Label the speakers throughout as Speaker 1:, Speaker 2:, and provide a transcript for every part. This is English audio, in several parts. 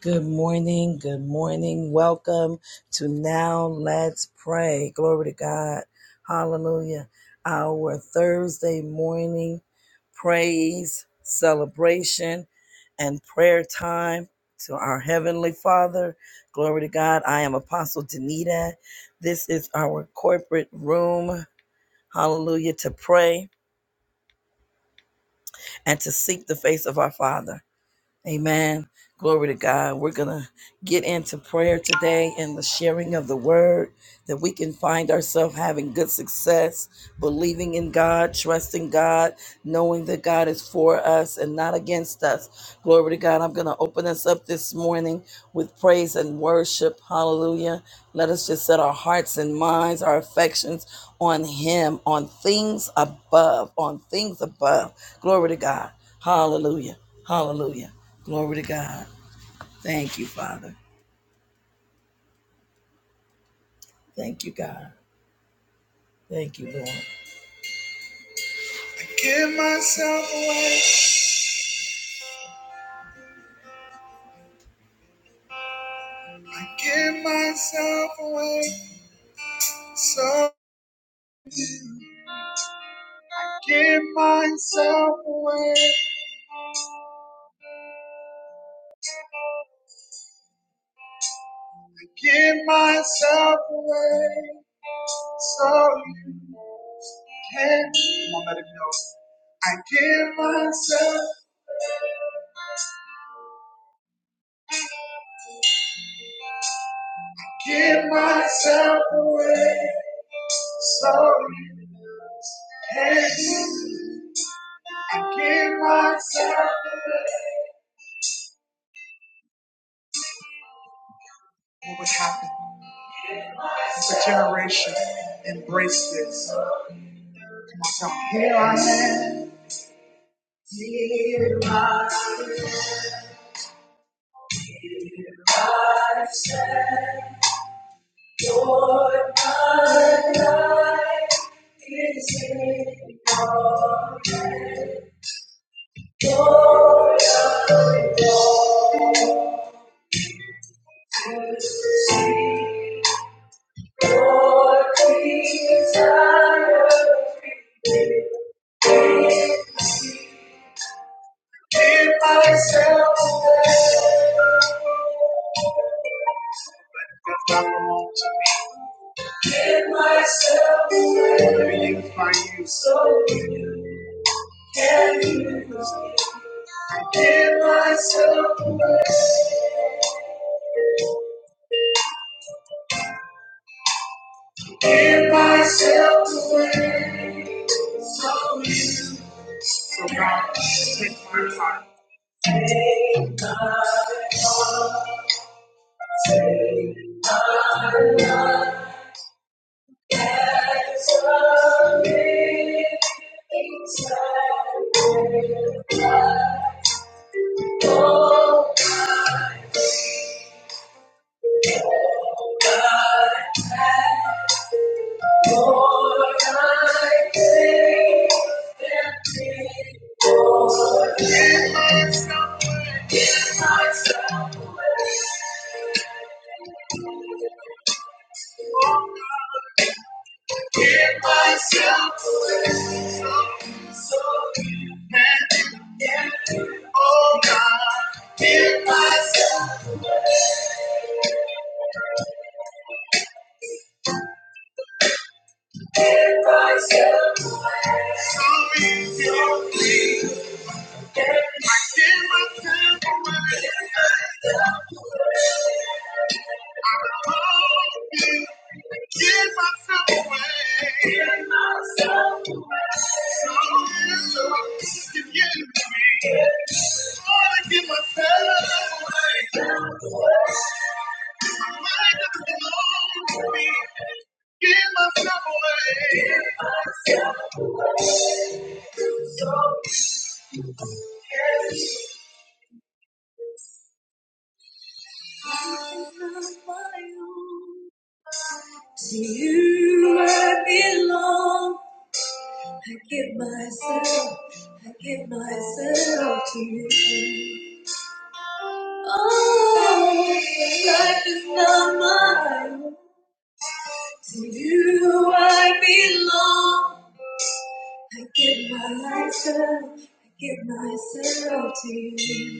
Speaker 1: Good morning. Good morning. Welcome to Now Let's Pray. Glory to God. Hallelujah. Our Thursday morning praise, celebration, and prayer time to our Heavenly Father. Glory to God. I am Apostle Danita. This is our corporate room. Hallelujah. To pray and to seek the face of our Father. Amen. Glory to God. We're going to get into prayer today and the sharing of the word that we can find ourselves having good success, believing in God, trusting God, knowing that God is for us and not against us. Glory to God. I'm going to open us up this morning with praise and worship. Hallelujah. Let us just set our hearts and minds, our affections on Him, on things above, on things above. Glory to God. Hallelujah. Hallelujah. Glory to God. Thank you, Father. Thank you, God. Thank you, Lord. Give myself away. Give myself away. So give myself away. Give myself away. So you can. Come on, let it know. I give myself. Give myself away. So you can. I give myself away. What would happen if a generation embraced this? Come on, tell 'em. Here I am. Here my joy, my life is in your Joy I see, your desire. Give myself away. Give myself away. Be used by you. So I give myself, give myself away. So you, so God, take my heart. Take my Lord, I take everything. Lord, give myself away. Give myself away. Oh God, give myself away. So, so you, and you, and you. Oh God, give myself. Give myself away. to Gonna you, you. you, give give give give give give give myself myself myself myself myself myself myself away, away. away, away. away, away. away. I belong belong So My life doesn't belong to me. Give myself away. To you I belong. I give myself, I give myself to you. Oh, life is not mine. To you I belong. I give myself, I give myself to you.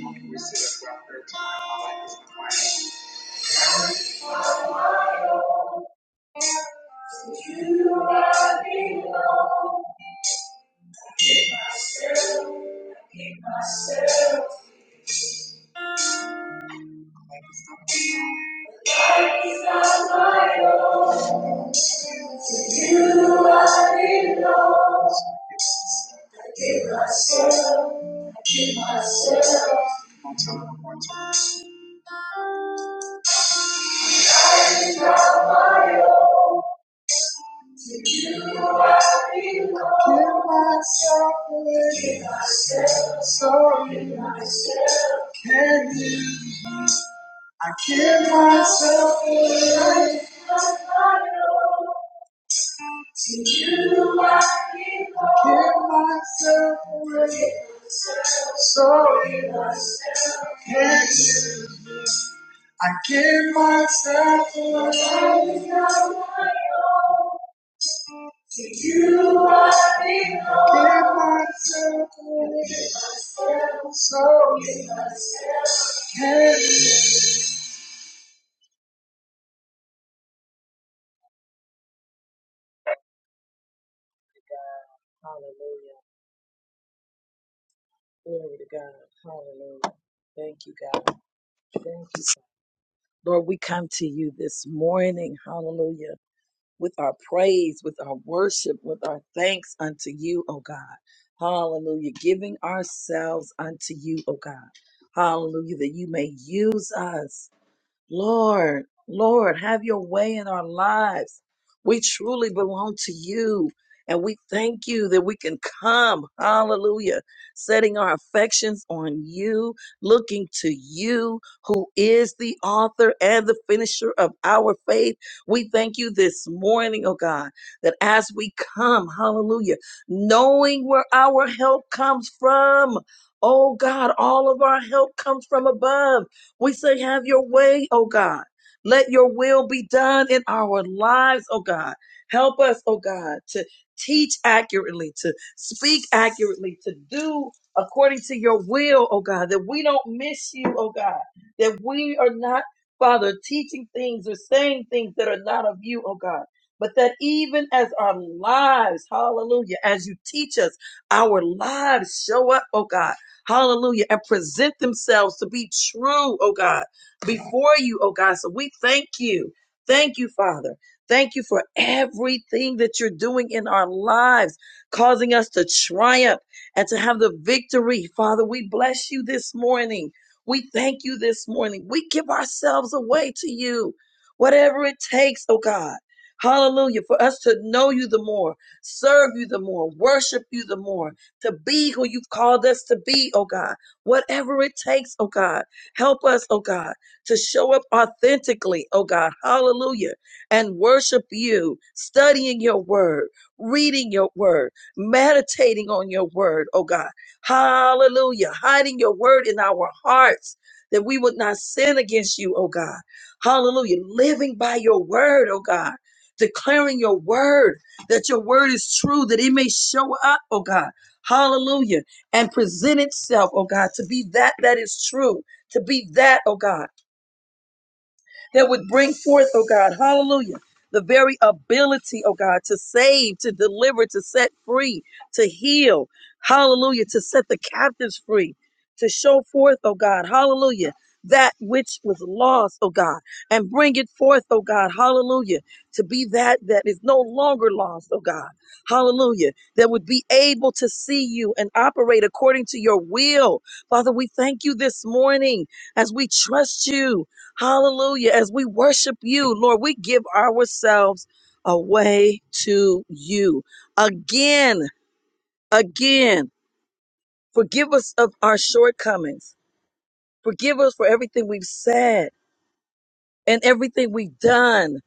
Speaker 1: To you I belong. I give myself. To You I belong. I give myself. I give myself. Come on, tell him one more time. It's Not my own. To You I belong. I Give myself away. I Give myself. Sorry. myself. Can you? I give myself away. I'm Not my own. You I Give myself away. So you I give myself away. To you I give myself away. So you Hallelujah. Glory to God. Hallelujah. Thank you, God. Thank you. Lord, we come to you this morning. Hallelujah. with our praise, with our worship, with our thanks unto you, O God. Hallelujah. Giving ourselves unto you, O God. Hallelujah. That you may use us. Lord, Lord, have your way in our lives. We truly belong to you. And we thank you that we can come, hallelujah, setting our affections on you, looking to you, who is the author and the finisher of our faith. We thank you this morning, oh God, that as we come, hallelujah, knowing where our help comes from, oh God, all of our help comes from above we say, have your way, oh God. Let your will be done in our lives, oh God. Help us, oh God, to teach accurately, to speak accurately, to do according to your will, oh God, that we don't miss you, oh God, that we are not, Father, teaching things or saying things that are not of you, oh God. But that even as our lives, hallelujah, as you teach us, our lives show up, oh God Hallelujah. And present themselves to be true, oh God, before you, oh God. So we thank you. Thank you, Father. Thank you for everything that you're doing in our lives, causing us to triumph and to have the victory. Father, we bless you this morning. We thank you this morning. We give ourselves away to you, whatever it takes, oh God. Hallelujah. For us to know you the more, serve you the more, worship you the more, to be who you've called us to be, oh God. Whatever it takes, oh God. Help us, oh God, to show up authentically, oh God. Hallelujah. And worship you, studying your word, reading your word, meditating on your word, oh God. Hallelujah. Hiding your word in our hearts that we would not sin against you, oh God. Hallelujah. Living by your word, oh God. Declaring your word, that your word is true, that it may show up, oh God Hallelujah. And present itself, oh God, to be that that is true, to be that, oh God that would bring forth, oh God, hallelujah, the very ability, oh God, to save, to deliver, to set free, to heal, hallelujah, to set the captives free, to show forth, oh God, hallelujah, that which was lost, oh God, and bring it forth, oh God, hallelujah, to be that that is no longer lost, oh God, hallelujah, that would be able to see you and operate according to your will. Father, we thank you this morning as we trust you. Hallelujah. As we worship you, Lord, we give ourselves away to you. Again, again, forgive us of our shortcomings. Forgive us for everything we've said and everything we've done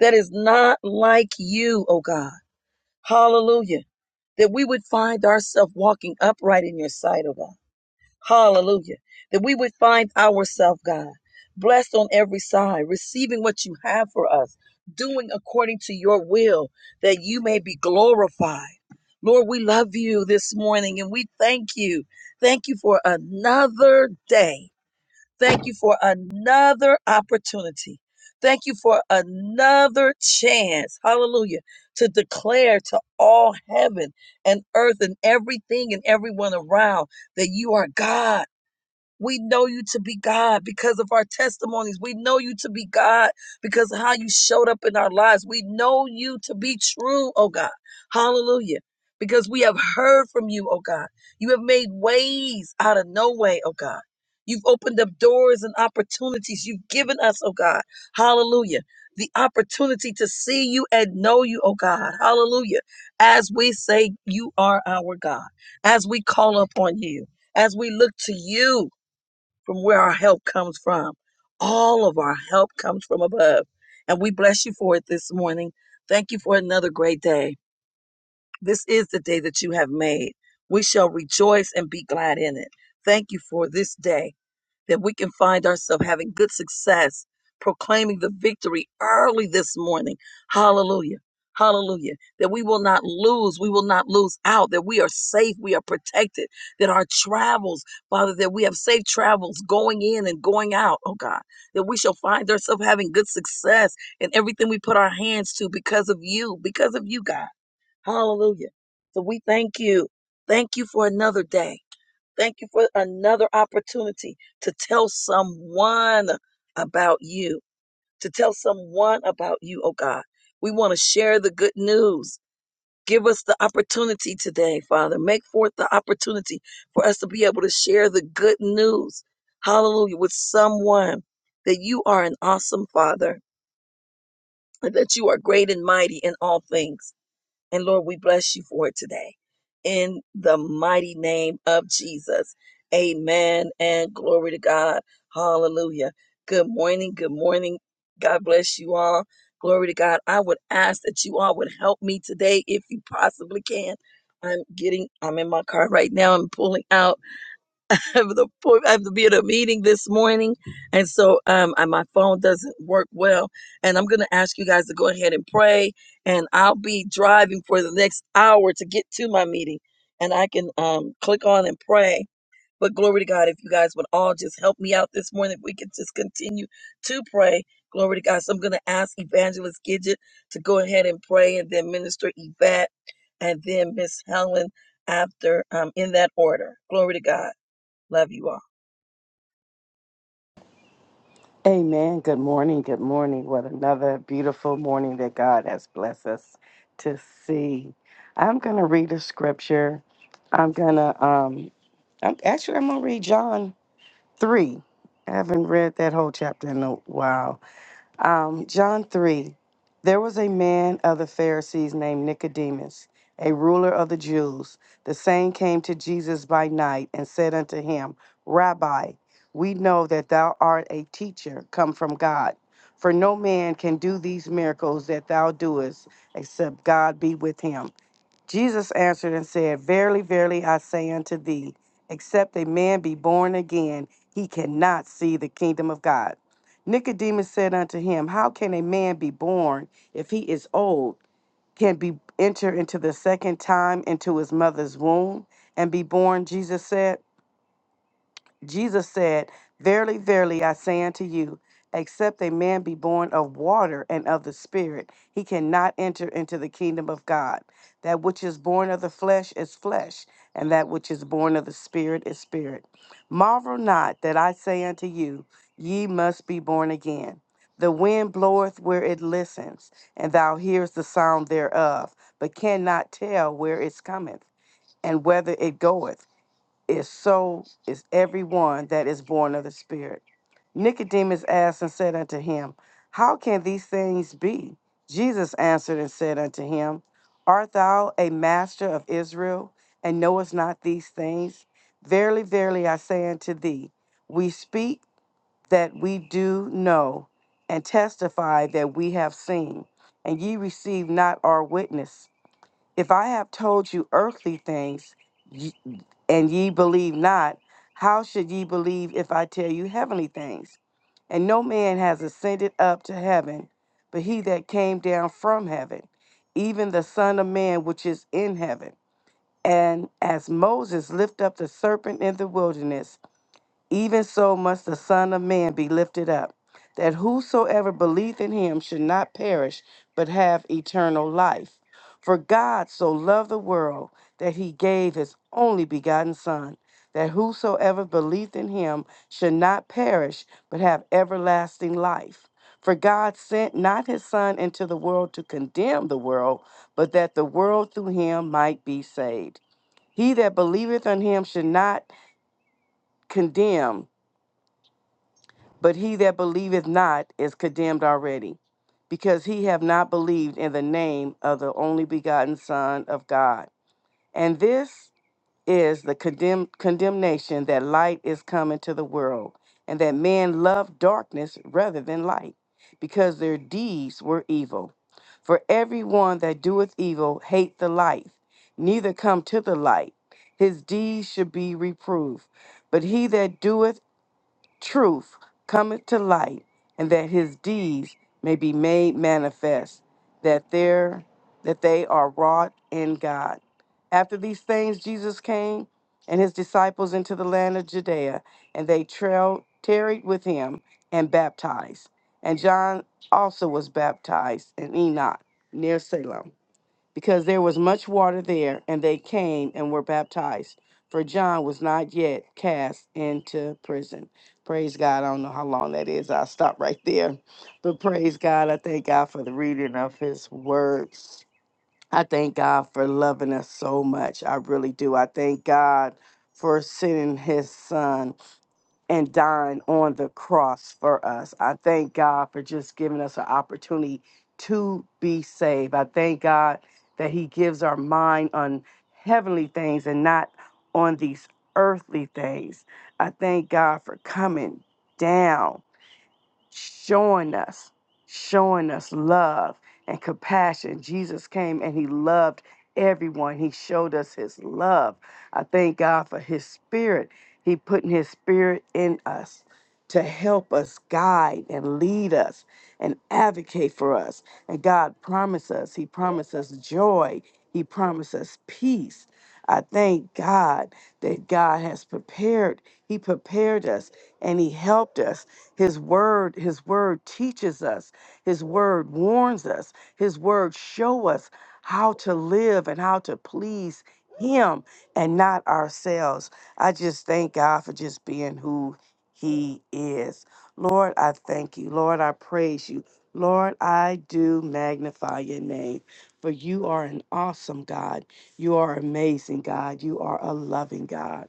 Speaker 1: that is not like you, oh God. Hallelujah. That we would find ourselves walking upright in your sight, oh God Hallelujah. That we would find ourselves, God, blessed on every side, receiving what you have for us, doing according to your will, that you may be glorified. Lord, we love you this morning and we thank you. Thank you for another day. Thank you for another opportunity. Thank you for another chance, hallelujah, to declare to all heaven and earth and everything and everyone around that you are God we know you to be God because of our testimonies. We know you to be God because of how you showed up in our lives. We know you to be true, oh God. Hallelujah. Because we have heard from you, oh God. You have made ways out of no way, oh God. You've opened up doors and opportunities. You've given us, oh God. Hallelujah. The opportunity to see you and know you, oh God. Hallelujah. As we say, you are our God. As we call upon you. As we look to you from where our help comes from. All of our help comes from above. And we bless you for it this morning. Thank you for another great day. This is the day that you have made. We shall rejoice and be glad in it. Thank you for this day that we can find ourselves having good success, proclaiming the victory early this morning. Hallelujah. Hallelujah. That we will not lose. We will not lose out. That we are safe. We are protected. That our travels, Father, that we have safe travels going in and going out, oh God. That we shall find ourselves having good success in everything we put our hands to because of you, because of you, God. Hallelujah. So we thank you. Thank you for another day. Thank you for another opportunity to tell someone about you, to tell someone about you, oh God. We want to share the good news. Give us the opportunity today, Father. Make forth the opportunity for us to be able to share the good news, hallelujah, with someone that you are an awesome Father, and that you are great and mighty in all things and Lord, we bless you for it today. In the mighty name of Jesus. Amen and glory to God. Hallelujah. Good morning. Good morning. God bless you all. Glory to God. I would ask that you all would help me today if you possibly can. I'm getting, I'm in my car right now. I'm pulling out. I have, an I have to be at a meeting this morning, and so um, and my phone doesn't work well. And I'm going to ask you guys to go ahead and pray, and I'll be driving for the next hour to get to my meeting, and I can um, click on and pray. But glory to God, if you guys would all just help me out this morning, if we could just continue to pray. Glory to God. So I'm going to ask Evangelist Gidget to go ahead and pray, and then Minister Yvette, and then Miss Helen after um, in that order. Glory to God. Love you all.
Speaker 2: Amen. Good morning. Good morning. What another beautiful morning that God has blessed us to see. I'm going to read a scripture. I'm going to, um, I'm, actually, I'm going to read John 3. I haven't read that whole chapter in a while. Um, John 3 There was a man of the Pharisees named Nicodemus, a ruler of the Jews. The same came to Jesus by night and said unto him, Rabbi, we know that thou art a teacher come from God. For no man can do these miracles that thou doest except God be with him. Jesus answered and said, Verily, verily, I say unto thee, except a man be born again, he cannot see the kingdom of God. Nicodemus said unto him, How can a man be born if he is old? Can be enter into the second time into his mother's womb and be born? Jesus said. Jesus said, Verily, verily, I say unto you, except a man be born of water and of the Spirit, he cannot enter into the kingdom of God. That which is born of the flesh is flesh, and that which is born of the Spirit is spirit. Marvel not that I say unto you, Ye must be born again. The wind bloweth where it listens, and thou hearest the sound thereof, but cannot tell where it cometh, and whether it goeth is so is everyone that is born of the Spirit. Nicodemus asked and said unto him, How can these things be? Jesus answered and said unto him, Art thou a master of Israel, and knowest not these things? Verily, verily, I say unto thee, we speak that we do know, and testify that we have seen, and ye receive not our witness. If I have told you earthly things, and ye believe not, how should ye believe if I tell you heavenly things? And no man has ascended up to heaven, but he that came down from heaven, even the Son of Man which is in heaven. And as Moses lifted up the serpent in the wilderness, even so must the Son of Man be lifted up, that whosoever believeth in him should not perish, but have eternal life. For God so loved the world that he gave his only begotten Son, that whosoever believeth in him should not perish, but have everlasting life. For God sent not his Son into the world to condemn the world, but that the world through him might be saved. He that believeth on him should not condemn but he that believeth not is condemned already, because he have not believed in the name of the only begotten Son of God. And this is the condemn, condemnation that light is come into the world, and that men love darkness rather than light, because their deeds were evil. For everyone that doeth evil hate the light, neither come to the light. His deeds should be reproved. But he that doeth truth cometh to light, and that his deeds may be made manifest, that there that they are wrought in God. After these things Jesus came and his disciples into the land of Judea, and they trailed, tarried with him and baptized. And John also was baptized in Enoch near Salem because there was much water there, and they came and were baptized. For John was not yet cast into prison. Praise God. I don't know how long that is. I'll stop right there. But praise God. I thank God for the reading of his words. I thank God for loving us so much. I really do. I thank God for sending his son and dying on the cross for us. I thank God for just giving us an opportunity to be saved. I thank God that He gives our mind on heavenly things and not on these earthly things. I thank God for coming down showing us, showing us love and compassion. Jesus came and he loved everyone. He showed us his love. I thank God for his spirit. He putting his spirit in us to help us guide and lead us and advocate for us. And God promised us, he promised us joy. He promised us peace. I thank God that God has prepared. He prepared us and he helped us his word, his word teaches us. His word warns us. His word show us how to live and how to please him and not ourselves. I just thank God for just being who he is. Lord, I thank you. Lord, I praise you. Lord, I do magnify your name, for you are an awesome God. You are amazing God. You are a loving God.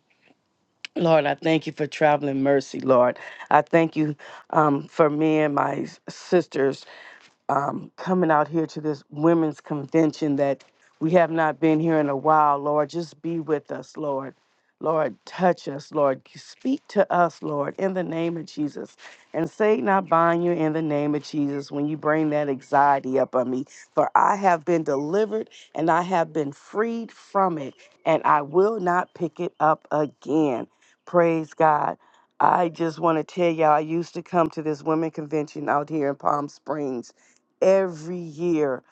Speaker 2: Lord, I thank you for traveling mercy, Lord. I thank you um, for me and my s- sisters um, coming out here to this women's convention that we have not been here in a while, Lord. Just be with us, Lord. Lord, touch us, Lord. Speak to us, Lord, in the name of Jesus. And Satan, I bind you in the name of Jesus when you bring that anxiety up on me. For I have been delivered and I have been freed from it, and I will not pick it up again. Praise God. I just want to tell y'all, I used to come to this women convention out here in Palm Springs every year.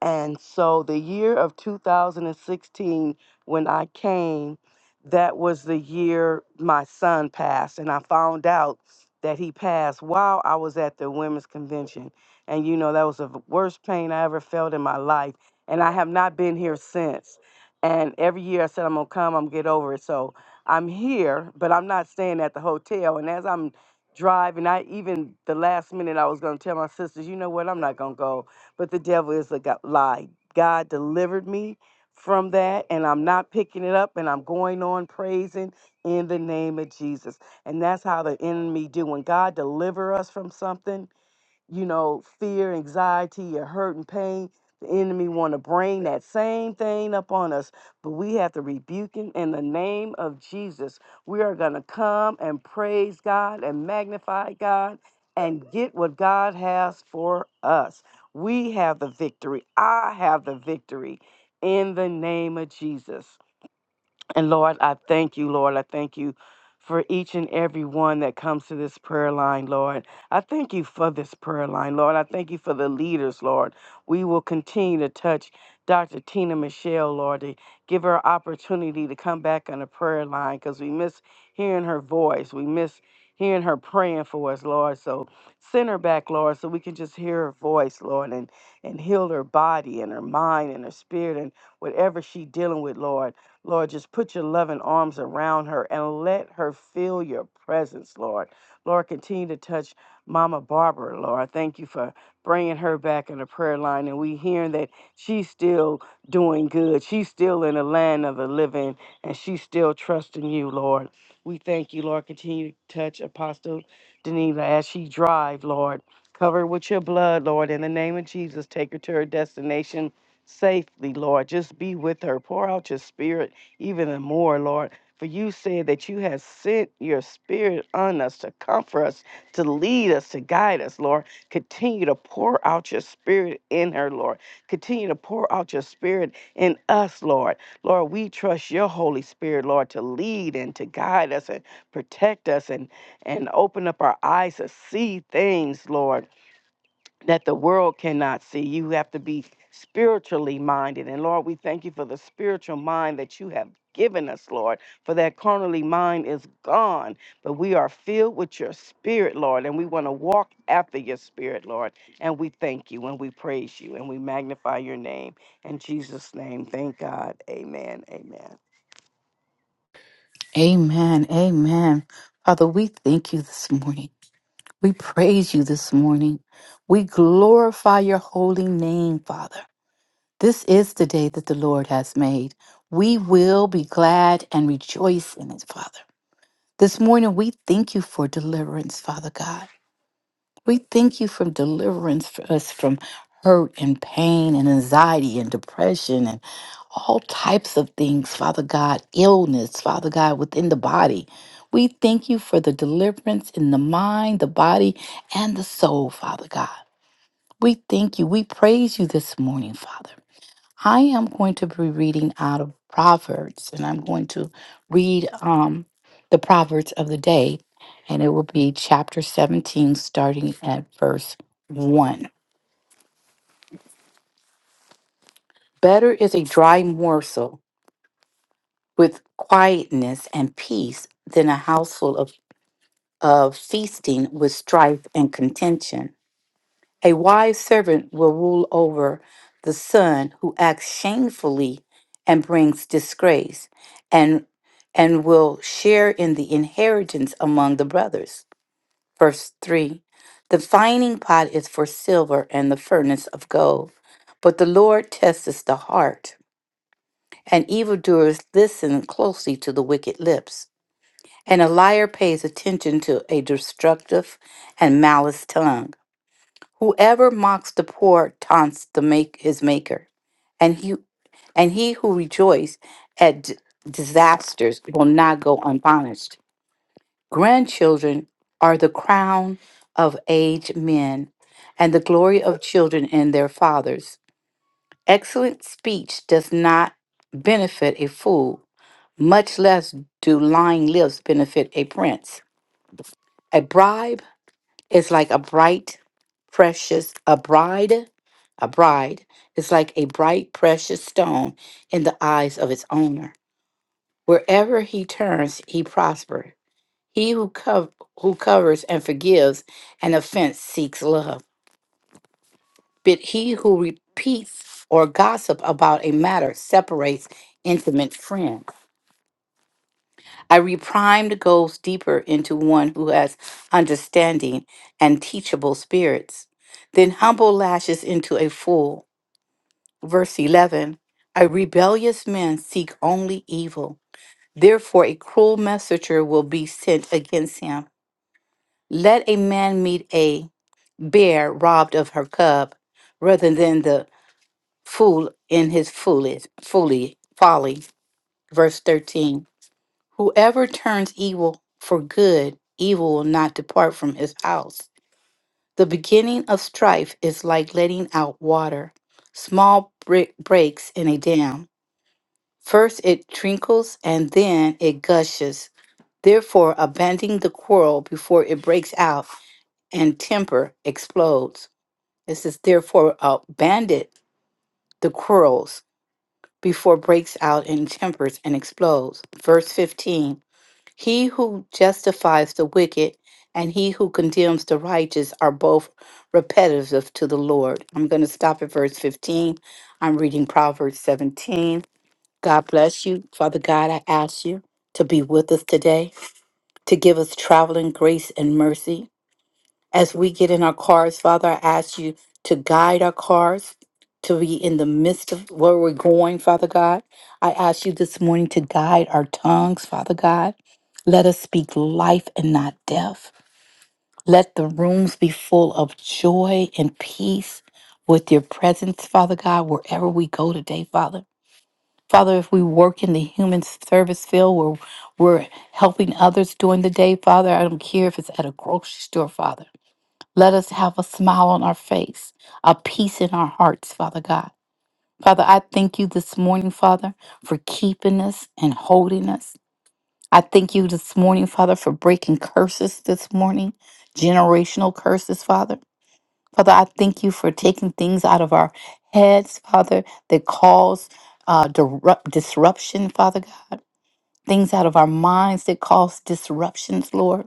Speaker 2: And so the year of 2016, when I came, that was the year my son passed. And I found out that he passed while I was at the women's convention. And you know, that was the worst pain I ever felt in my life. And I have not been here since. And every year I said, I'm going to come, I'm going to get over it. So I'm here, but I'm not staying at the hotel. And as I'm drive and I even the last minute I was going to tell my sisters, you know what, I'm not going to go. But the devil is a go- lie. God delivered me from that and I'm not picking it up and I'm going on praising in the name of Jesus. And that's how the enemy do when God deliver us from something you know, fear, anxiety, or hurt and pain. The enemy want to bring that same thing up on us, but we have to rebuke him in the name of Jesus. We are going to come and praise God and magnify God and get what God has for us. We have the victory. I have the victory in the name of Jesus. And Lord, I thank you, Lord. I thank you for each and every one that comes to this prayer line, Lord. I thank you for this prayer line, Lord. I thank you for the leaders, Lord. We will continue to touch Dr. Tina Michelle, Lord, to give her opportunity to come back on the prayer line because we miss hearing her voice. We miss hearing her praying for us, Lord. So send her back, Lord, so we can just hear her voice, Lord, and, and heal her body and her mind and her spirit and whatever she's dealing with, Lord. Lord, just put your loving arms around her and let her feel your presence, Lord. Lord, continue to touch Mama Barbara, Lord. Thank you for bringing her back in the prayer line. And we hearing that she's still doing good. She's still in the land of the living and she's still trusting you, Lord. We thank you, Lord. Continue to touch Apostle Danila as she drive, Lord. Cover her with your blood, Lord. In the name of Jesus, take her to her destination safely, Lord. Just be with her. Pour out your spirit even more, Lord. For you said that you have sent your spirit on us to comfort us, to lead us, to guide us, Lord. Continue to pour out your spirit in her, Lord. Continue to pour out your spirit in us, Lord. Lord, we trust your Holy Spirit, Lord, to lead and to guide us and protect us and, and open up our eyes to see things, Lord that the world cannot see. You have to be spiritually minded. And Lord, we thank you for the spiritual mind that you have given us, Lord, for that carnally mind is gone, but we are filled with your spirit, Lord, and we want to walk after your spirit, Lord. And we thank you and we praise you and we magnify your name. In Jesus' name, thank God. Amen. Amen.
Speaker 3: Amen. Amen. Father, we thank you this morning. We praise you this morning. We glorify your holy name, Father. This is the day that the Lord has made. We will be glad and rejoice in it, Father. This morning, we thank you for deliverance, Father God. We thank you for deliverance for us from hurt and pain and anxiety and depression and all types of things, Father God, illness, Father God, within the body. We thank you for the deliverance in the mind, the body, and the soul, Father God. We thank you. We praise you this morning, Father. I am going to be reading out of Proverbs, and I'm going to read um, the Proverbs of the day, and it will be chapter 17, starting at verse 1. Better is a dry morsel with quietness and peace than a household of, of feasting with strife and contention. A wise servant will rule over the son who acts shamefully and brings disgrace, and and will share in the inheritance among the brothers. Verse 3 The fining pot is for silver and the furnace of gold, but the Lord testeth the heart, and evildoers listen closely to the wicked lips, and a liar pays attention to a destructive and malice tongue. Whoever mocks the poor taunts the make his maker, and he and he who rejoices at d- disasters will not go unpunished. Grandchildren are the crown of aged men, and the glory of children and their fathers. Excellent speech does not benefit a fool, much less do lying lips benefit a prince. A bribe it's like a bright, precious, a bride, a bride is like a bright, precious stone in the eyes of its owner. Wherever he turns, he prospers. He who, cov- who covers and forgives an offense seeks love. But he who repeats or gossip about a matter separates intimate friends. I reprimed goes deeper into one who has understanding and teachable spirits, then humble lashes into a fool. Verse 11 A rebellious man seek only evil, therefore, a cruel messenger will be sent against him. Let a man meet a bear robbed of her cub rather than the fool in his foolish, foolish folly. Verse 13 Whoever turns evil for good, evil will not depart from his house. The beginning of strife is like letting out water, small brick breaks in a dam. First it trickles and then it gushes. Therefore, abandon the quarrel before it breaks out and temper explodes. This is therefore abandon the quarrels before breaks out and tempers and explodes. Verse 15 He who justifies the wicked and he who condemns the righteous are both repetitive to the Lord. I'm going to stop at verse 15. I'm reading Proverbs 17. God bless you. Father God, I ask you to be with us today, to give us traveling grace and mercy as we get in our cars, Father, I ask you to guide our cars to be in the midst of where we're going, Father God. I ask you this morning to guide our tongues, Father God. Let us speak life and not death. Let the rooms be full of joy and peace with your presence, Father God, wherever we go today, Father. Father, if we work in the human service field where we're helping others during the day, Father, I don't care if it's at a grocery store, Father. Let us have a smile on our face, a peace in our hearts, Father God. Father, I thank you this morning, Father, for keeping us and holding us. I thank you this morning, Father, for breaking curses this morning, generational curses, Father. Father, I thank you for taking things out of our heads, Father, that cause uh, disrup- disruption, Father God. Things out of our minds that cause disruptions, Lord.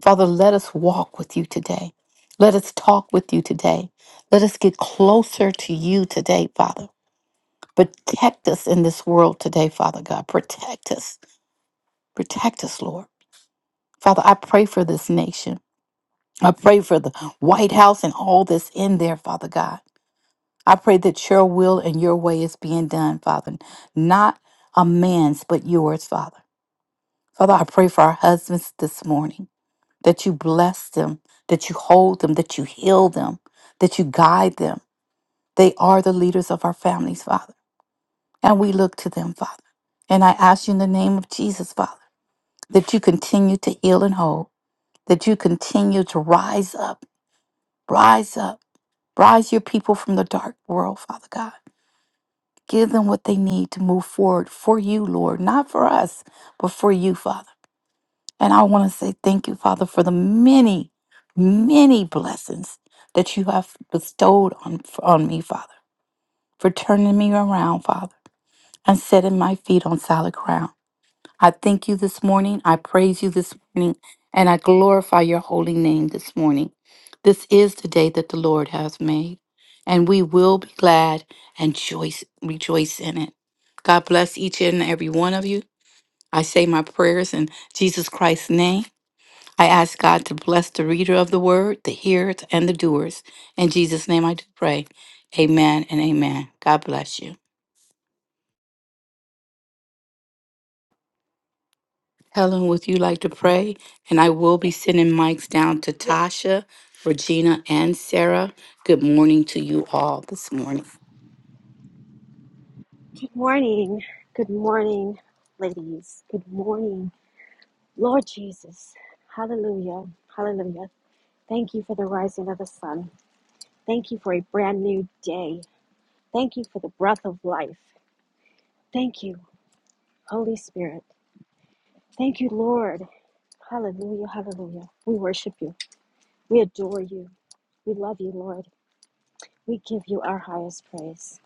Speaker 3: Father, let us walk with you today. Let us talk with you today. Let us get closer to you today, Father. Protect us in this world today, Father God. Protect us. Protect us, Lord. Father, I pray for this nation. I pray for the White House and all that's in there, Father God. I pray that your will and your way is being done, Father, not a man's, but yours, Father. Father, I pray for our husbands this morning. that you bless them, that you hold them, that you heal them, that you guide them. They are the leaders of our families, Father, and we look to them, Father. And I ask you in the name of Jesus, Father, that you continue to heal and hold, that you continue to rise up, rise up, rise your people from the dark world, Father God. Give them what they need to move forward for you, Lord, not for us, but for you, Father. And I want to say thank you, Father, for the many, many blessings that you have bestowed on, on me, Father, for turning me around, Father, and setting my feet on solid ground. I thank you this morning. I praise you this morning. And I glorify your holy name this morning. This is the day that the Lord has made, and we will be glad and joyce, rejoice in it. God bless each and every one of you. I say my prayers in Jesus Christ's name. I ask God to bless the reader of the word, the hearers, and the doers. In Jesus' name I do pray. Amen and amen. God bless you. Helen, would you like to pray? And I will be sending mics down to
Speaker 4: Yes.
Speaker 3: Tasha, Regina, and Sarah. Good morning to you all this morning.
Speaker 4: Good morning. Good morning, ladies. Good morning, Lord Jesus. Hallelujah. Hallelujah. Thank you for the rising of the sun. Thank you for a brand new day. Thank you for the breath of life. Thank you, Holy Spirit. Thank you, Lord. Hallelujah. Hallelujah. We worship you. We adore you. We love you, Lord. We give you our highest praise.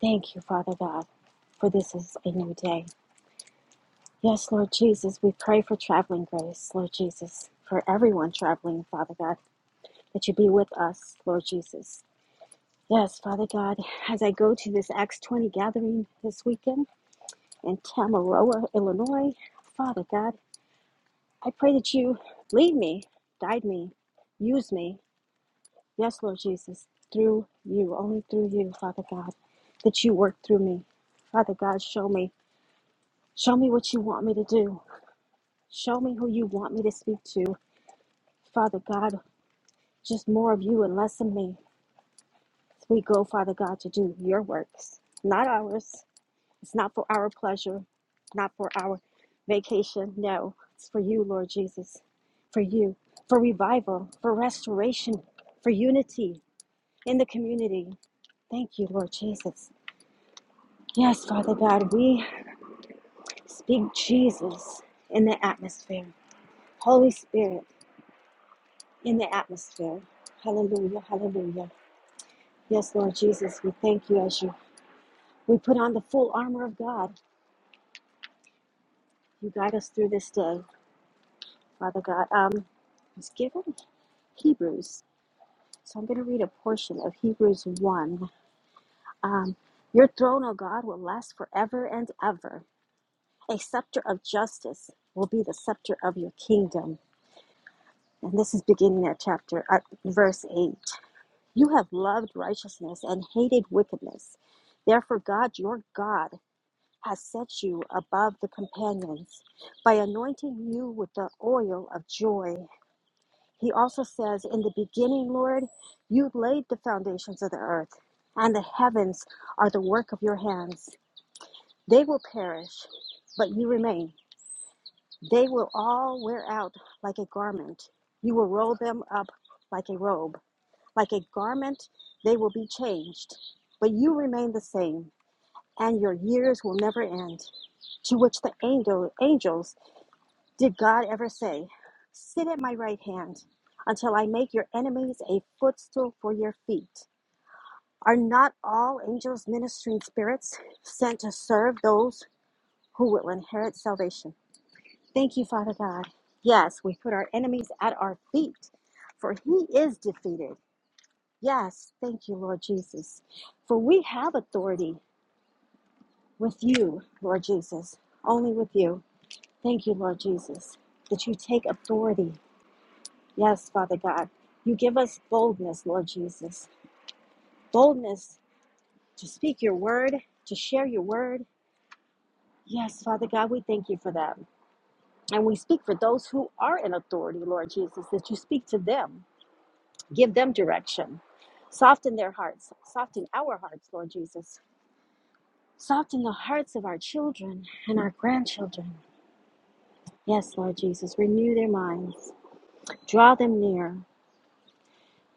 Speaker 4: Thank you, Father God, for this is a new day. Yes, Lord Jesus, we pray for traveling grace, Lord Jesus, for everyone traveling, Father God, that you be with us, Lord Jesus. Yes, Father God, as I go to this Acts 20 gathering this weekend in Tamaroa, Illinois, Father God, I pray that you lead me, guide me, use me. Yes, Lord Jesus, through you, only through you, Father God, that you work through me. Father God, show me. Show me what you want me to do. Show me who you want me to speak to. Father God, just more of you and less of me. We go, Father God, to do your works, not ours. It's not for our pleasure, not for our vacation. No, it's for you, Lord Jesus, for you, for revival, for restoration, for unity in the community. Thank you, Lord Jesus. Yes, Father God, we speak Jesus in the atmosphere, Holy Spirit in the atmosphere. Hallelujah, hallelujah. Yes, Lord Jesus, we thank you as you we put on the full armor of God. You guide us through this day, Father God. Um, it's given Hebrews, so I'm going to read a portion of Hebrews one. Um, your throne, O God, will last forever and ever. A scepter of justice will be the scepter of your kingdom. And this is beginning at chapter at verse eight. You have loved righteousness and hated wickedness. Therefore, God, your God has set you above the companions by anointing you with the oil of joy. He also says, In the beginning, Lord, you laid the foundations of the earth, and the heavens are the work of your hands. They will perish, but you remain. They will all wear out like a garment. You will roll them up like a robe. Like a garment, they will be changed, but you remain the same and your years will never end. To which the angel, angels, did God ever say, Sit at my right hand until I make your enemies a footstool for your feet? Are not all angels ministering spirits sent to serve those who will inherit salvation? Thank you, Father God. Yes, we put our enemies at our feet, for he is defeated. Yes, thank you, Lord Jesus. For we have authority with you, Lord Jesus, only with you. Thank you, Lord Jesus, that you take authority. Yes, Father God. You give us boldness, Lord Jesus. Boldness to speak your word, to share your word. Yes, Father God, we thank you for that. And we speak for those who are in authority, Lord Jesus, that you speak to them, give them direction. Soften their hearts, soften our hearts, Lord Jesus. Soften the hearts of our children and our grandchildren. Yes, Lord Jesus, renew their minds, draw them near,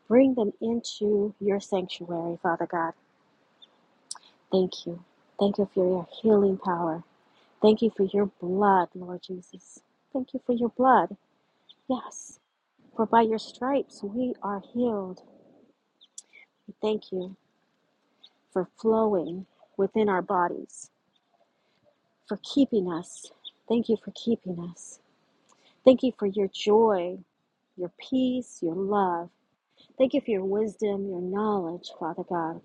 Speaker 4: Bring them into your sanctuary, Father God. Thank you. Thank you for your healing power. Thank you for your blood, Lord Jesus. Thank you for your blood. Yes, for by your stripes we are healed. Thank you for flowing within our bodies, for keeping us. Thank you for keeping us. Thank you for your joy, your peace, your love. Thank you for your wisdom, your knowledge, Father God.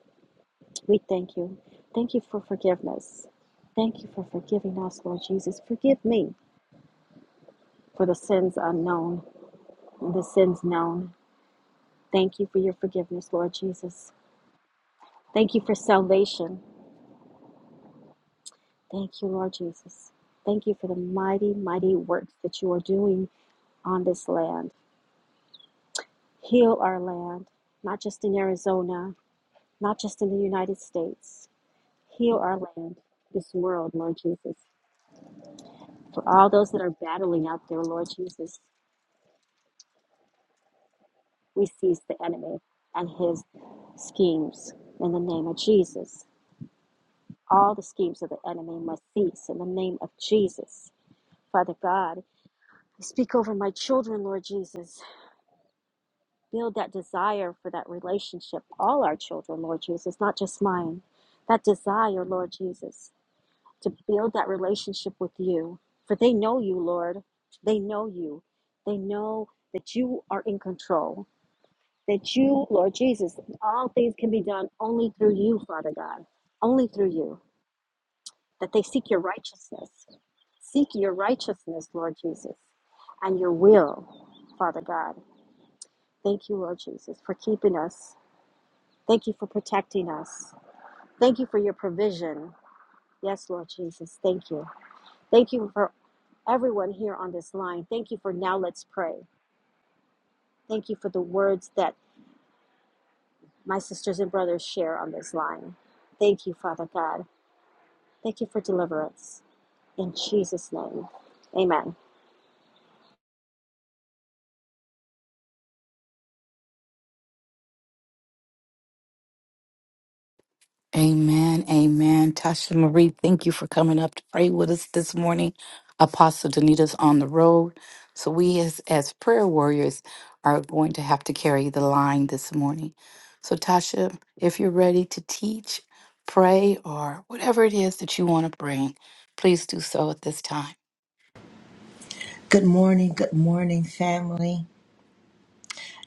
Speaker 4: We thank you. Thank you for forgiveness. Thank you for forgiving us, Lord Jesus. Forgive me for the sins unknown and the sins known. Thank you for your forgiveness, Lord Jesus. Thank you for salvation. Thank you, Lord Jesus. Thank you for the mighty, mighty works that you are doing on this land. Heal our land, not just in Arizona, not just in the United States. Heal our land, this world, Lord Jesus. For all those that are battling out there, Lord Jesus, We seize the enemy and his schemes in the name of Jesus. All the schemes of the enemy must cease in the name of Jesus. Father God, I speak over my children, Lord Jesus. Build that desire for that relationship, all our children, Lord Jesus, not just mine. That desire, Lord Jesus, to build that relationship with you. For they know you, Lord. They know you. They know that you are in control that you, Lord Jesus, all things can be done only through you, Father God, only through you, that they seek your righteousness. Seek your righteousness, Lord Jesus, and your will, Father God. Thank you, Lord Jesus, for keeping us. Thank you for protecting us. Thank you for your provision. Yes, Lord Jesus, thank you. Thank you for everyone here on this line. Thank you for Now Let's Pray. Thank you for the words that my sisters and brothers share on this line. Thank you, Father God. Thank you for deliverance. In Jesus' name, amen.
Speaker 3: Amen. Amen. Tasha Marie, thank you for coming up to pray with us this morning. Apostle Danita's on the road. So we as, as prayer warriors are going to have to carry the line this morning. So Tasha, if you're ready to teach, pray, or whatever it is that you want to bring, please do so at this time.
Speaker 5: Good morning, good morning, family.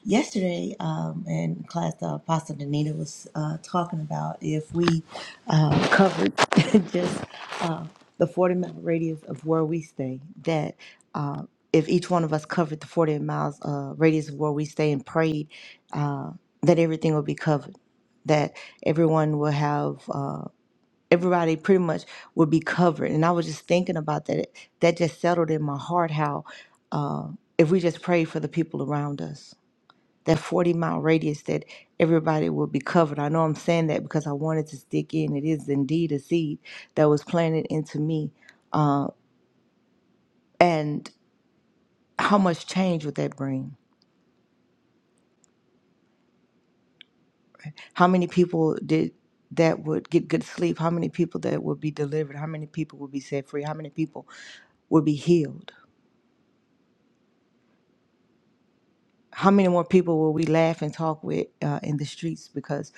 Speaker 5: Yesterday, um, in class, uh, Pastor Danita was uh, talking about if we uh, covered just uh, the 40 mile radius of where we stay, that uh, if each one of us covered the 40 miles uh, radius of where we stay and prayed, uh, that everything would be covered, that everyone will have. uh, everybody pretty much would be covered. And I was just thinking about that. That just settled in my heart how uh, if we just pray for the people around us, that 40 mile radius that everybody will be covered. I know I'm saying that because I wanted to stick in. It is indeed a seed that was planted into me. Uh, and how much change would that bring? right? How many people did that would get good sleep? How many people that would be delivered? How many people would be set free? How many people would be healed? how many more people will we laugh and talk with uh, in the streets because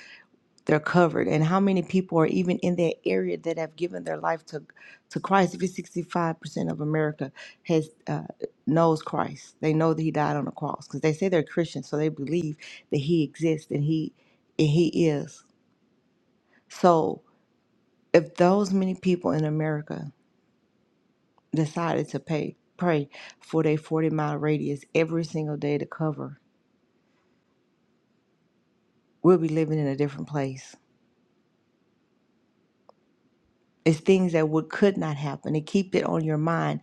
Speaker 5: they're covered and how many people are even in that area that have given their life to to christ if it's 65% of america has uh, knows christ they know that he died on the cross because they say they're christians so they believe that he exists and he and he is so if those many people in america decided to pay pray for their 40 mile radius every single day to cover we'll be living in a different place It's things that would could not happen. And keep it on your mind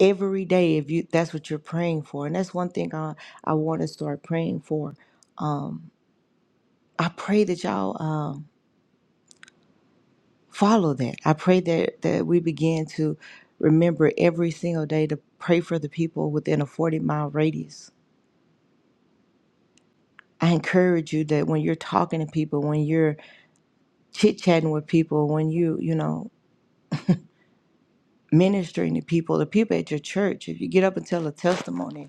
Speaker 5: every day if you that's what you're praying for. And that's one thing I I want to start praying for. Um, I pray that y'all um, follow that. I pray that that we begin to remember every single day to pray for the people within a 40 mile radius. I encourage you that when you're talking to people, when you're chit chatting with people, when you you know ministering to people, the people at your church, if you get up and tell a testimony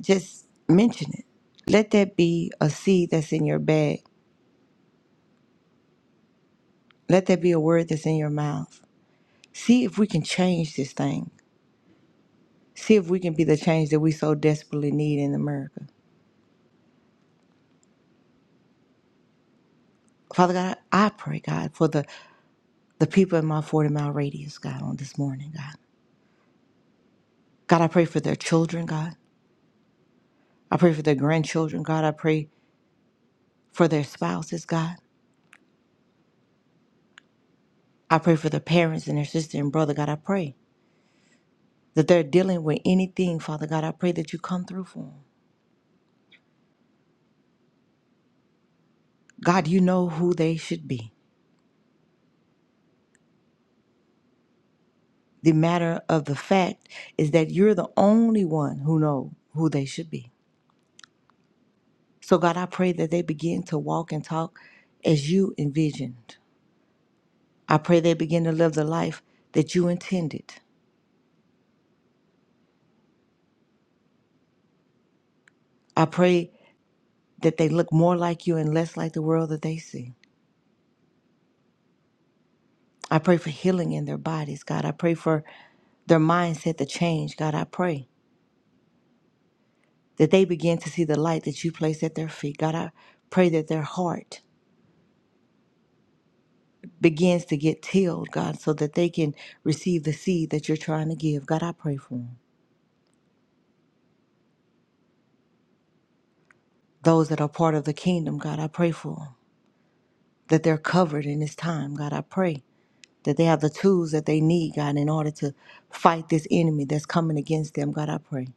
Speaker 5: Just mention it. Let that be a seed that's in your bag. Let that be a word that's in your mouth. See if we can change this thing. See if we can be the change that we so desperately need in America. Father God, I pray, God, for the, the people in my 40 mile radius, God, on this morning, God. God, I pray for their children, God. I pray for their grandchildren, God. I pray for their spouses, God. I pray for their parents and their sister and brother, God. I pray that they're dealing with anything, Father God. I pray that you come through for them. God, you know who they should be. The matter of the fact is that you're the only one who know who they should be. So God, I pray that they begin to walk and talk as you envisioned. I pray they begin to live the life that you intended. I pray that they look more like you and less like the world that they see. I pray for healing in their bodies, God. I pray for their mindset to change. God, I pray that they begin to see the light that you place at their feet. God, I pray that their heart begins to get tilled, God, so that they can receive the seed that you're trying to give. God, I pray for them. Those that are part of the kingdom, God, I pray for them. That they're covered in this time, God, I pray. That they have the tools that they need, God, in order to fight this enemy that's coming against them, God, I pray.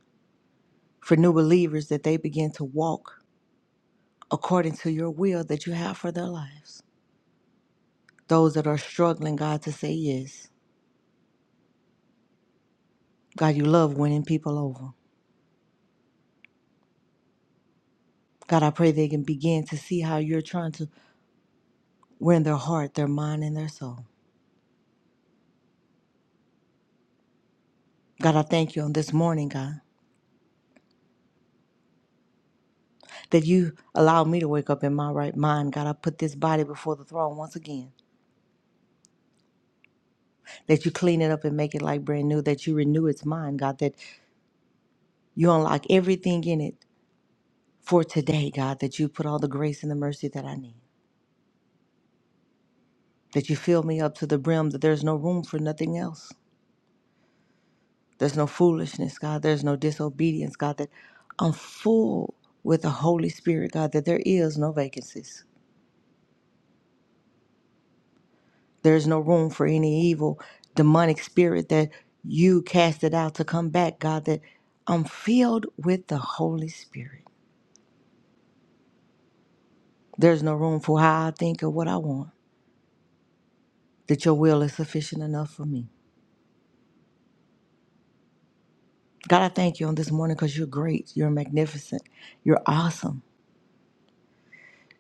Speaker 5: For new believers, that they begin to walk according to your will that you have for their lives. Those that are struggling, God, to say yes. God, you love winning people over. God, I pray they can begin to see how you're trying to we in their heart, their mind, and their soul. God, I thank you on this morning, God, that you allowed me to wake up in my right mind. God, I put this body before the throne once again, that you clean it up and make it like brand new, that you renew its mind, God, that you unlock everything in it for today, God, that you put all the grace and the mercy that I need, that you fill me up to the brim, that there's no room for nothing else. There's no foolishness, God. There's no disobedience, God, that I'm full with the Holy Spirit, God, that there is no vacancies. There's no room for any evil demonic spirit that you casted out to come back, God, that I'm filled with the Holy Spirit. There's no room for how I think or what I want, that your will is sufficient enough for me. God, I thank you on this morning because you're great. You're magnificent. You're awesome.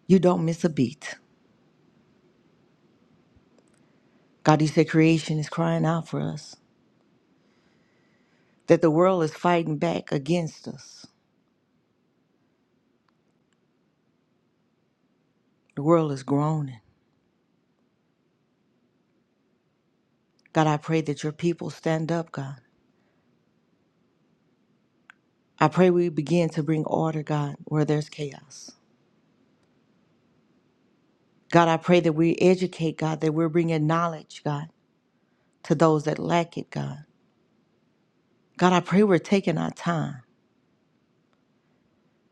Speaker 5: You don't miss a beat. God, you said creation is crying out for us, that the world is fighting back against us. The world is groaning. God, I pray that your people stand up, God. I pray we begin to bring order, God, where there's chaos. God, I pray that we educate, God, that we're bringing knowledge, God, to those that lack it, God. God, I pray we're taking our time.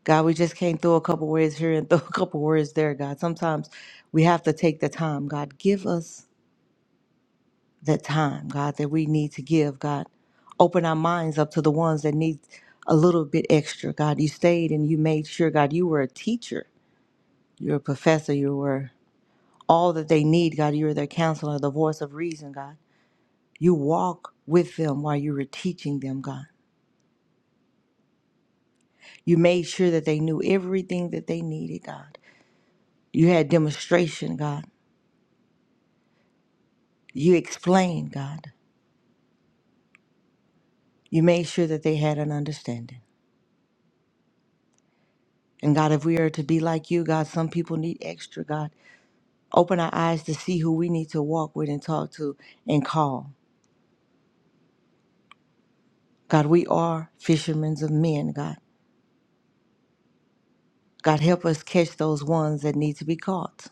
Speaker 5: God, we just can't throw a couple words here and throw a couple words there, God. Sometimes we have to take the time, God. Give us the time, God, that we need to give, God. Open our minds up to the ones that need a little bit extra, God. You stayed and you made sure, God, you were a teacher, you're a professor, you were all that they need, God. You're their counselor, the voice of reason, God. You walk with them while you were teaching them, God. You made sure that they knew everything that they needed, God. You had demonstration, God. You explained, God. You made sure that they had an understanding. And God, if we are to be like you, God, some people need extra, God. Open our eyes to see who we need to walk with and talk to and call. God, we are fishermen of men, God. God, help us catch those ones that need to be caught.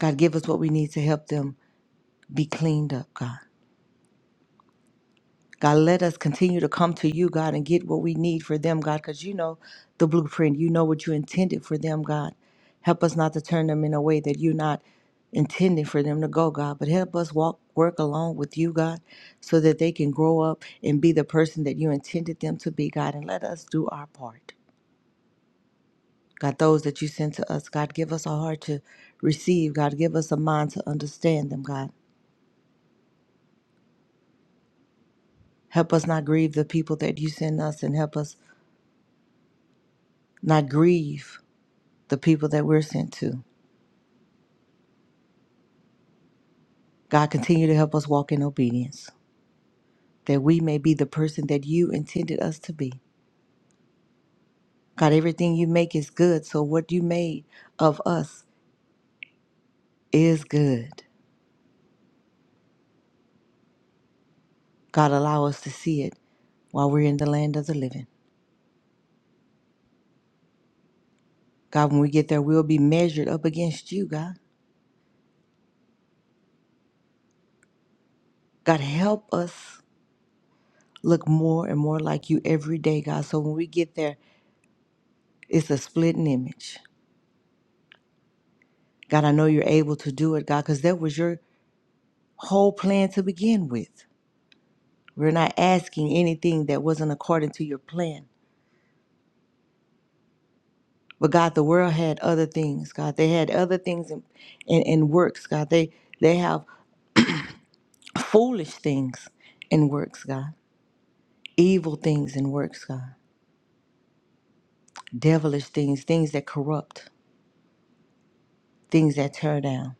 Speaker 5: God, give us what we need to help them be cleaned up, God. God, let us continue to come to you, God, and get what we need for them, God, because you know the blueprint. You know what you intended for them, God. Help us not to turn them in a way that you're not intending for them to go, God, but help us walk, work along with you, God, so that they can grow up and be the person that you intended them to be, God, and let us do our part. God, those that you send to us, God, give us a heart to receive, God, give us a mind to understand them, God. Help us not grieve the people that you send us and help us not grieve the people that we're sent to. God, continue to help us walk in obedience that we may be the person that you intended us to be. God, everything you make is good, so what you made of us is good. God, allow us to see it while we're in the land of the living. God, when we get there, we'll be measured up against you, God. God, help us look more and more like you every day, God. So when we get there, it's a splitting image. God, I know you're able to do it, God, because that was your whole plan to begin with. We're not asking anything that wasn't according to your plan. But God, the world had other things, God. They had other things in, in, in works, God. They they have foolish things in works, God. Evil things in works, God. Devilish things, things that corrupt, things that tear down.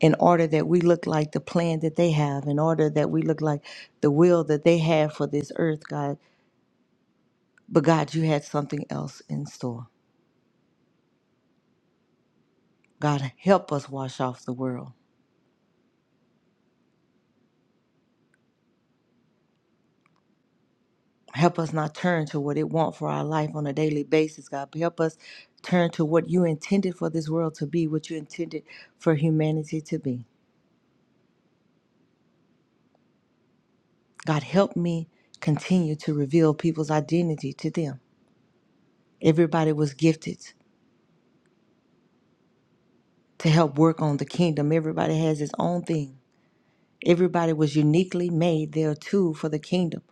Speaker 5: In order that we look like the plan that they have, in order that we look like the will that they have for this earth, God. But God, you had something else in store. God, help us wash off the world. Help us not turn to what it want for our life on a daily basis, God. But help us turn to what you intended for this world to be, what you intended for humanity to be. God, help me continue to reveal people's identity to them. Everybody was gifted to help work on the kingdom. Everybody has his own thing. Everybody was uniquely made there too for the kingdom.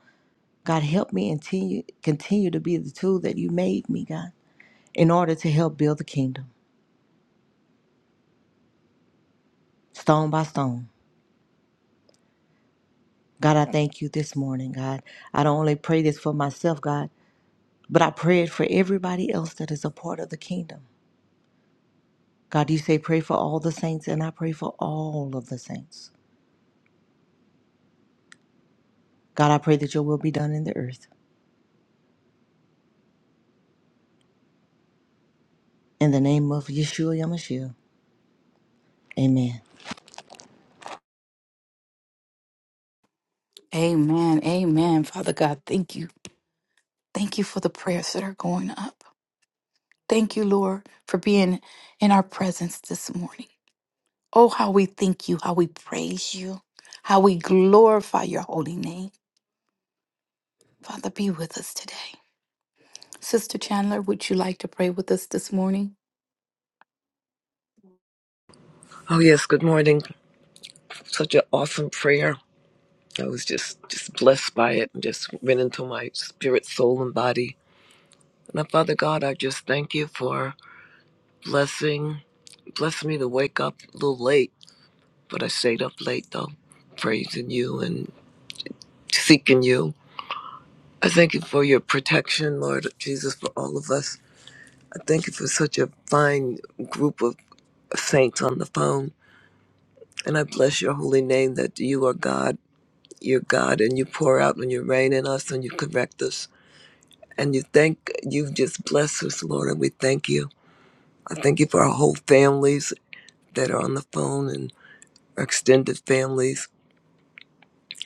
Speaker 5: God, help me continue continue to be the tool that you made me, God. in order to help build the kingdom, stone by stone. God, I thank you this morning, God. I don't only pray this for myself, God, but I pray it for everybody else that is a part of the kingdom. God, you say pray for all the saints, and I pray for all of the saints. God, I pray that your will be done in the earth. In the name of Yeshua Yamashiach, amen.
Speaker 3: Amen. Amen. Father God, thank you. Thank you for the prayers that are going up. Thank you, Lord, for being in our presence this morning. Oh, how we thank you, how we praise you, how we glorify your holy name. Father, be with us today. Sister Chandler, would you like to pray with us this morning?
Speaker 6: Oh yes, good morning. Such an awesome prayer. I was just just blessed by it and just went into my spirit, soul, and body. Now, Father God, I just thank you for blessing bless me to wake up a little late, but I stayed up late though, praising you and seeking you. I thank you for your protection, Lord Jesus, for all of us. I thank you for such a fine group of saints on the phone. And I bless your holy name that you are God You're God and you pour out and you rain in us and you correct us. And you thank you just bless us, Lord, and we thank you. I thank you for our whole families that are on the phone and our extended families.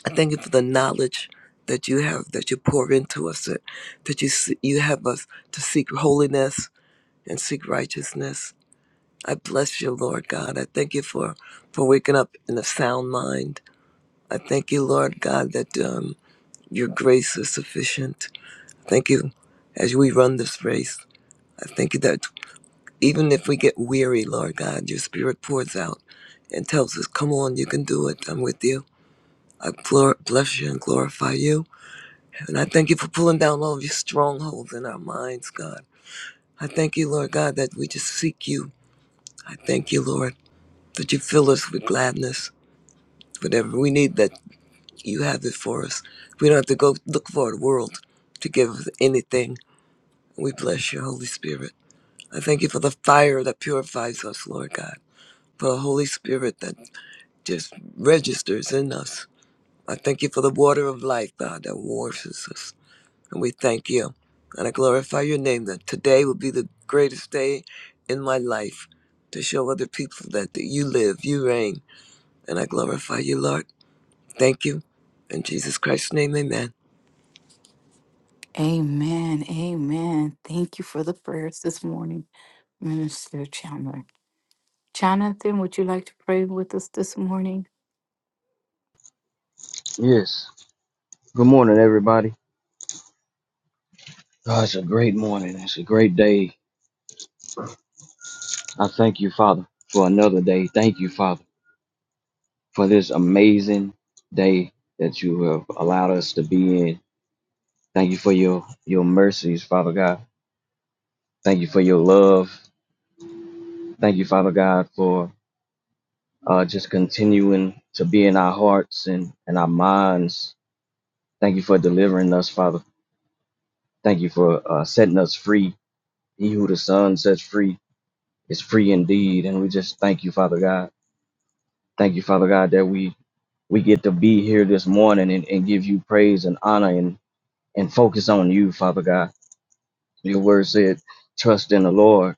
Speaker 6: I thank you for the knowledge that you have, that you pour into us, that, that you se- you have us to seek holiness and seek righteousness. I bless you, Lord God. I thank you for, for waking up in a sound mind. I thank you, Lord God, that um, your grace is sufficient. Thank you as we run this race. I thank you that even if we get weary, Lord God, your spirit pours out and tells us, Come on, you can do it. I'm with you. I glor- bless you and glorify you. And I thank you for pulling down all of your strongholds in our minds, God. I thank you, Lord God, that we just seek you. I thank you, Lord, that you fill us with gladness. Whatever we need, that you have it for us. We don't have to go look for the world to give us anything. We bless you, Holy Spirit. I thank you for the fire that purifies us, Lord God, for the Holy Spirit that just registers in us. I thank you for the water of life, God, that washes us. And we thank you. And I glorify your name that today will be the greatest day in my life to show other people that, that you live, you reign. And I glorify you, Lord. Thank you. In Jesus Christ's name, amen.
Speaker 3: Amen. Amen. Thank you for the prayers this morning, Minister Chandler. Jonathan, would you like to pray with us this morning?
Speaker 7: Yes. Good morning, everybody. Oh, it's a great morning. It's a great day. I thank you, Father, for another day. Thank you, Father, for this amazing day that you have allowed us to be in. Thank you for your your mercies, Father God. Thank you for your love. Thank you, Father God, for uh, just continuing to be in our hearts and, and our minds. Thank you for delivering us, Father. Thank you for uh, setting us free. He who the Son sets free is free indeed. And we just thank you, Father God. Thank you, Father God, that we we get to be here this morning and, and give you praise and honor and, and focus on you, Father God. Your word said, trust in the Lord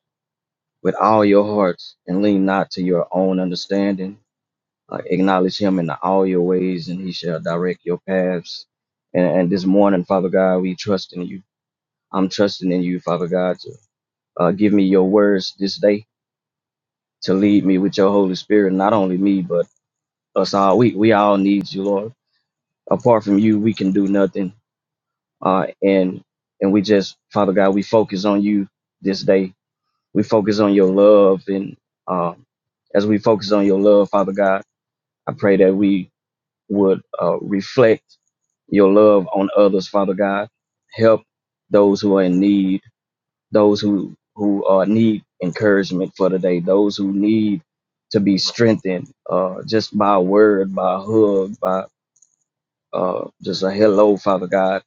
Speaker 7: with all your hearts and lean not to your own understanding. Uh, acknowledge him in all your ways and he shall direct your paths. And, and this morning, Father God, we trust in you. I'm trusting in you, Father God, to uh, give me your words this day to lead me with your Holy Spirit, not only me, but us all. We, we all need you, Lord. apart from you, we can do nothing. Uh, and and we just, Father God, we focus on you this day. We focus on your love, and uh, as we focus on your love, Father God, I pray that we would uh, reflect your love on others, Father God. Help those who are in need, those who who uh, need encouragement for the day, those who need to be strengthened, uh, just by a word, by a hug, by uh, just a hello, Father God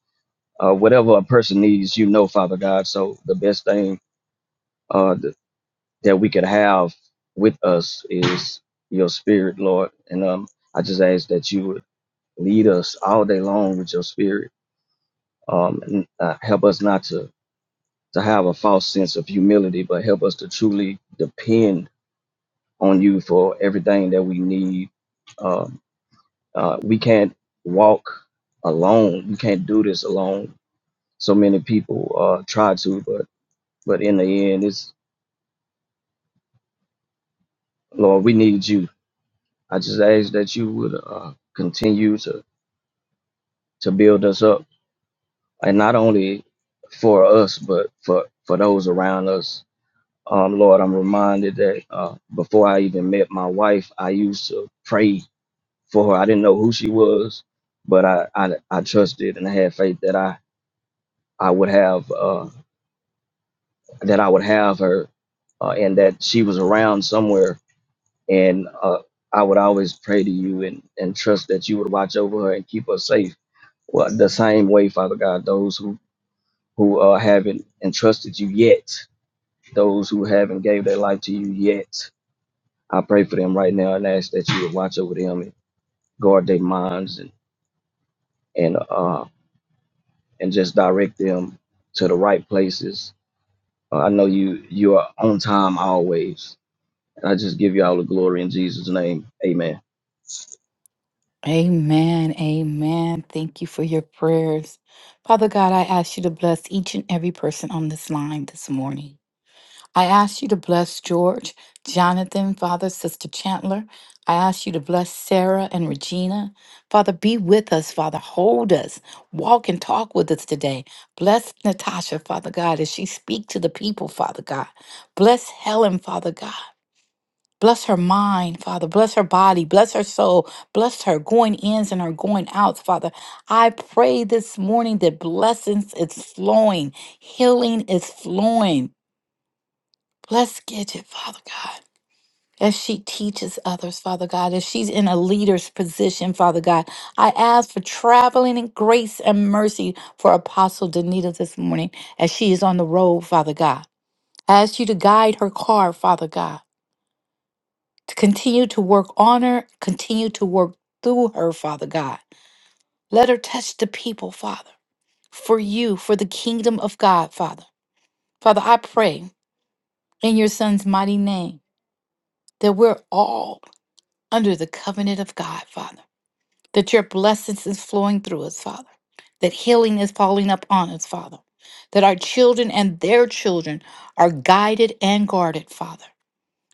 Speaker 7: uh, whatever a person needs, you know, Father God. So the best thing uh, th- that we could have with us is your spirit, Lord. And um, I just ask that you would lead us all day long with your spirit um, and uh, help us not to, to have a false sense of humility, but help us to truly depend on you for everything that we need. Um, uh, we can't walk alone. We can't do this alone. So many people uh, try to, but But in the end, it's Lord, we need you. I just ask that you would uh, continue to to build us up, and not only for us, but for for those around us. Um, Lord, I'm reminded that uh, before I even met my wife, I used to pray for her. I didn't know who she was, but I I, I trusted and I had faith that I I would have uh, that I would have her, uh, and that she was around somewhere and uh, I would always pray to you and, and trust that you would watch over her and keep her safe. Well, the same way, Father God, those who who uh, haven't entrusted you yet, those who haven't gave their life to you yet, I pray for them right now and ask that you would watch over them and guard their minds and and uh and just direct them to the right places. Uh, I know you you are on time always, and I just give you all the glory in Jesus' name. Amen.
Speaker 3: Amen. Amen. Thank you for your prayers. Father God, I ask you to bless each and every person on this line this morning. I ask you to bless George, Jonathan, Father, Sister Chandler. I ask you to bless Sarah and Regina. Father, be with us, Father. Hold us. Walk and talk with us today. Bless Natasha, Father God, as she speak to the people, Father God. Bless Helen, Father God. Bless her mind, Father. Bless her body. Bless her soul. Bless her going ins and her going outs, Father. I pray this morning that blessings is flowing, healing is flowing. Bless Gidget, Father God. As she teaches others, Father God, as she's in a leader's position, Father God, I ask for traveling in grace and mercy for Apostle Danita this morning as she is on the road, Father God. I ask you to guide her car, Father God, to continue to work on her, continue to work through her, Father God. Let her touch the people, Father, for you, for the kingdom of God, Father. Father, I pray in your son's mighty name that we're all under the covenant of God, Father, that your blessings is flowing through us, Father, that healing is falling upon us, Father, that our children and their children are guided and guarded, Father.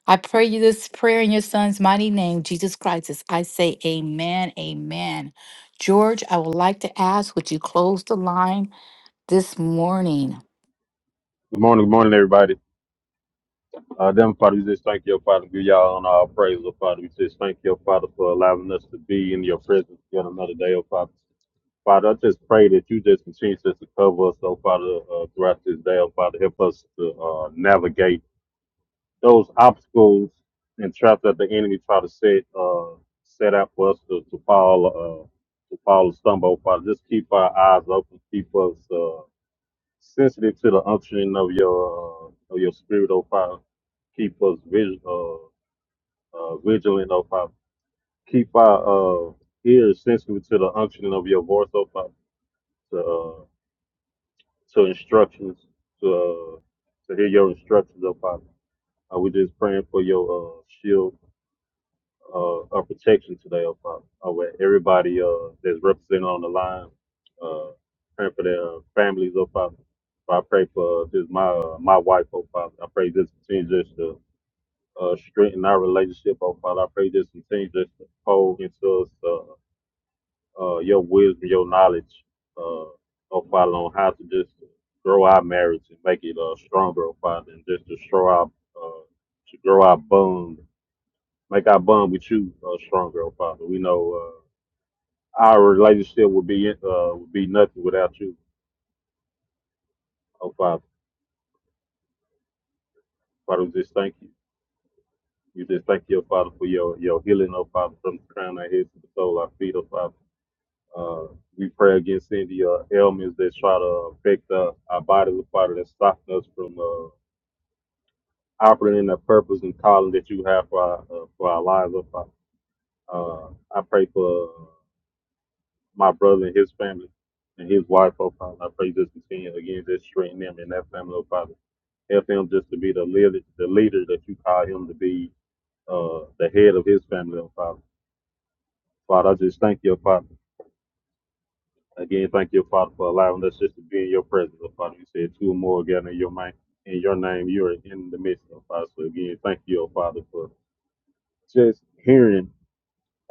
Speaker 3: I pray you this prayer in your son's mighty name, Jesus Christ, as I say amen, amen. George, I would like to ask, would you close the line this morning?
Speaker 8: Good morning, good morning, everybody. Uh, Heavenly Father, we just thank you, Father, give y'all honor, all praise, oh Father. We just thank you, Father, for allowing us to be in your presence yet another day, oh Father. Father, I just pray that you just continue just to cover us, oh Father, uh, throughout this day, oh Father. Help us to uh, navigate those obstacles and traps that the enemy try to set uh, set out for us to, to fall uh, to fall and stumble, oh Father. Just keep our eyes open, keep us. Uh, sensitive to the unction of your uh, of your spirit, oh Father. Keep us vig- uh, uh, vigilant, oh Father. Keep our uh, ears sensitive to the unction of your voice, oh Father, to, uh, to instructions, to uh, to hear your instructions, oh Father. Uh, we just praying for your uh, shield uh, a protection today, oh Father. I want everybody uh, that's represented on the line, uh, praying for their families, oh Father. I pray for uh, just my uh, my wife, oh Father. I pray this continue just to uh, strengthen our relationship, oh Father. I pray this continue just to hold into us uh, uh, your wisdom, your knowledge, uh, oh Father, on how to just grow our marriage and make it uh, stronger, oh Father, and just to show our uh, to grow our bond Make our bond with you uh, stronger, oh Father. We know uh, our relationship would be uh, would be nothing without you, oh Father. Father, we just thank you. We just thank you, oh Father, for your your healing, oh Father, from the crown of our heads to the sole of our feet, oh Father. Uh, we pray against any uh, ailments that try to affect uh, our bodies, oh Father, that stop us from uh, operating in the purpose and calling that you have for our, uh, for our lives, oh Father. Uh, I pray for my brother and his family and his wife, oh Father. I pray just continue again, just strengthen them and that family, oh Father. Help him just to be the leader, the leader that you call him to be, uh, the head of his family, oh Father. Father, I just thank you, oh Father. Again, thank you, oh, Father, for allowing us just to be in your presence, oh Father. You said two or more again in your mind, in your name, you are in the midst, oh Father. So again, thank you, oh Father, for just hearing,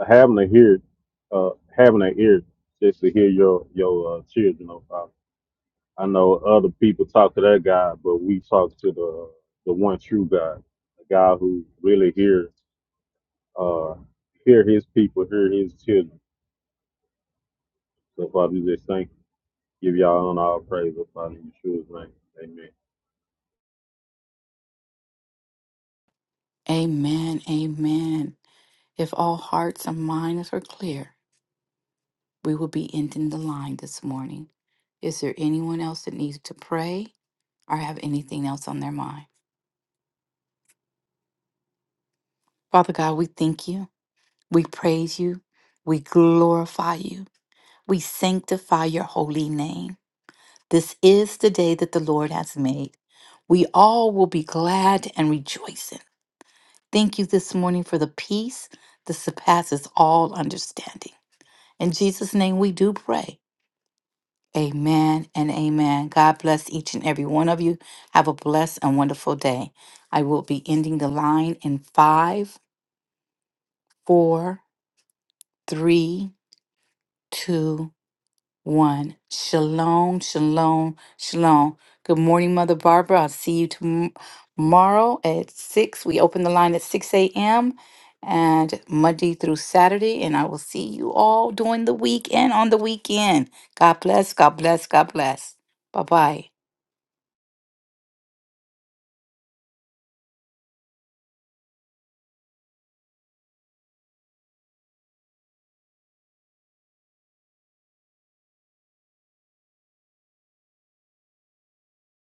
Speaker 8: having to hear, uh, having an ear just to hear your your uh, children, oh Father. I know other people talk to that God, but we talk to the the one true God, the God who really hear uh hear His people, hear His children. So Father, we just thank you, give y'all on all praise, oh Father, in Yeshua's name, Amen.
Speaker 3: Amen, amen. If all hearts and minds are clear. We will be ending the line this morning. Is there anyone else that needs to pray or have anything else on their mind? Father God, we thank you. We praise you. We glorify you. We sanctify your holy name. This is the day that the Lord has made. We all will be glad and rejoicing. Thank you this morning for the peace that surpasses all understanding. In Jesus' name, we do pray. Amen and amen. God bless each and every one of you. Have a blessed and wonderful day. I will be ending the line in five, four, three, two, one. Shalom, shalom, shalom. Good morning, Mother Barbara. I'll see you tom- tomorrow at six. We open the line at 6 a.m. and Monday through Saturday. And I will see you all during the week and on the weekend. God bless, God bless, God bless. Bye bye.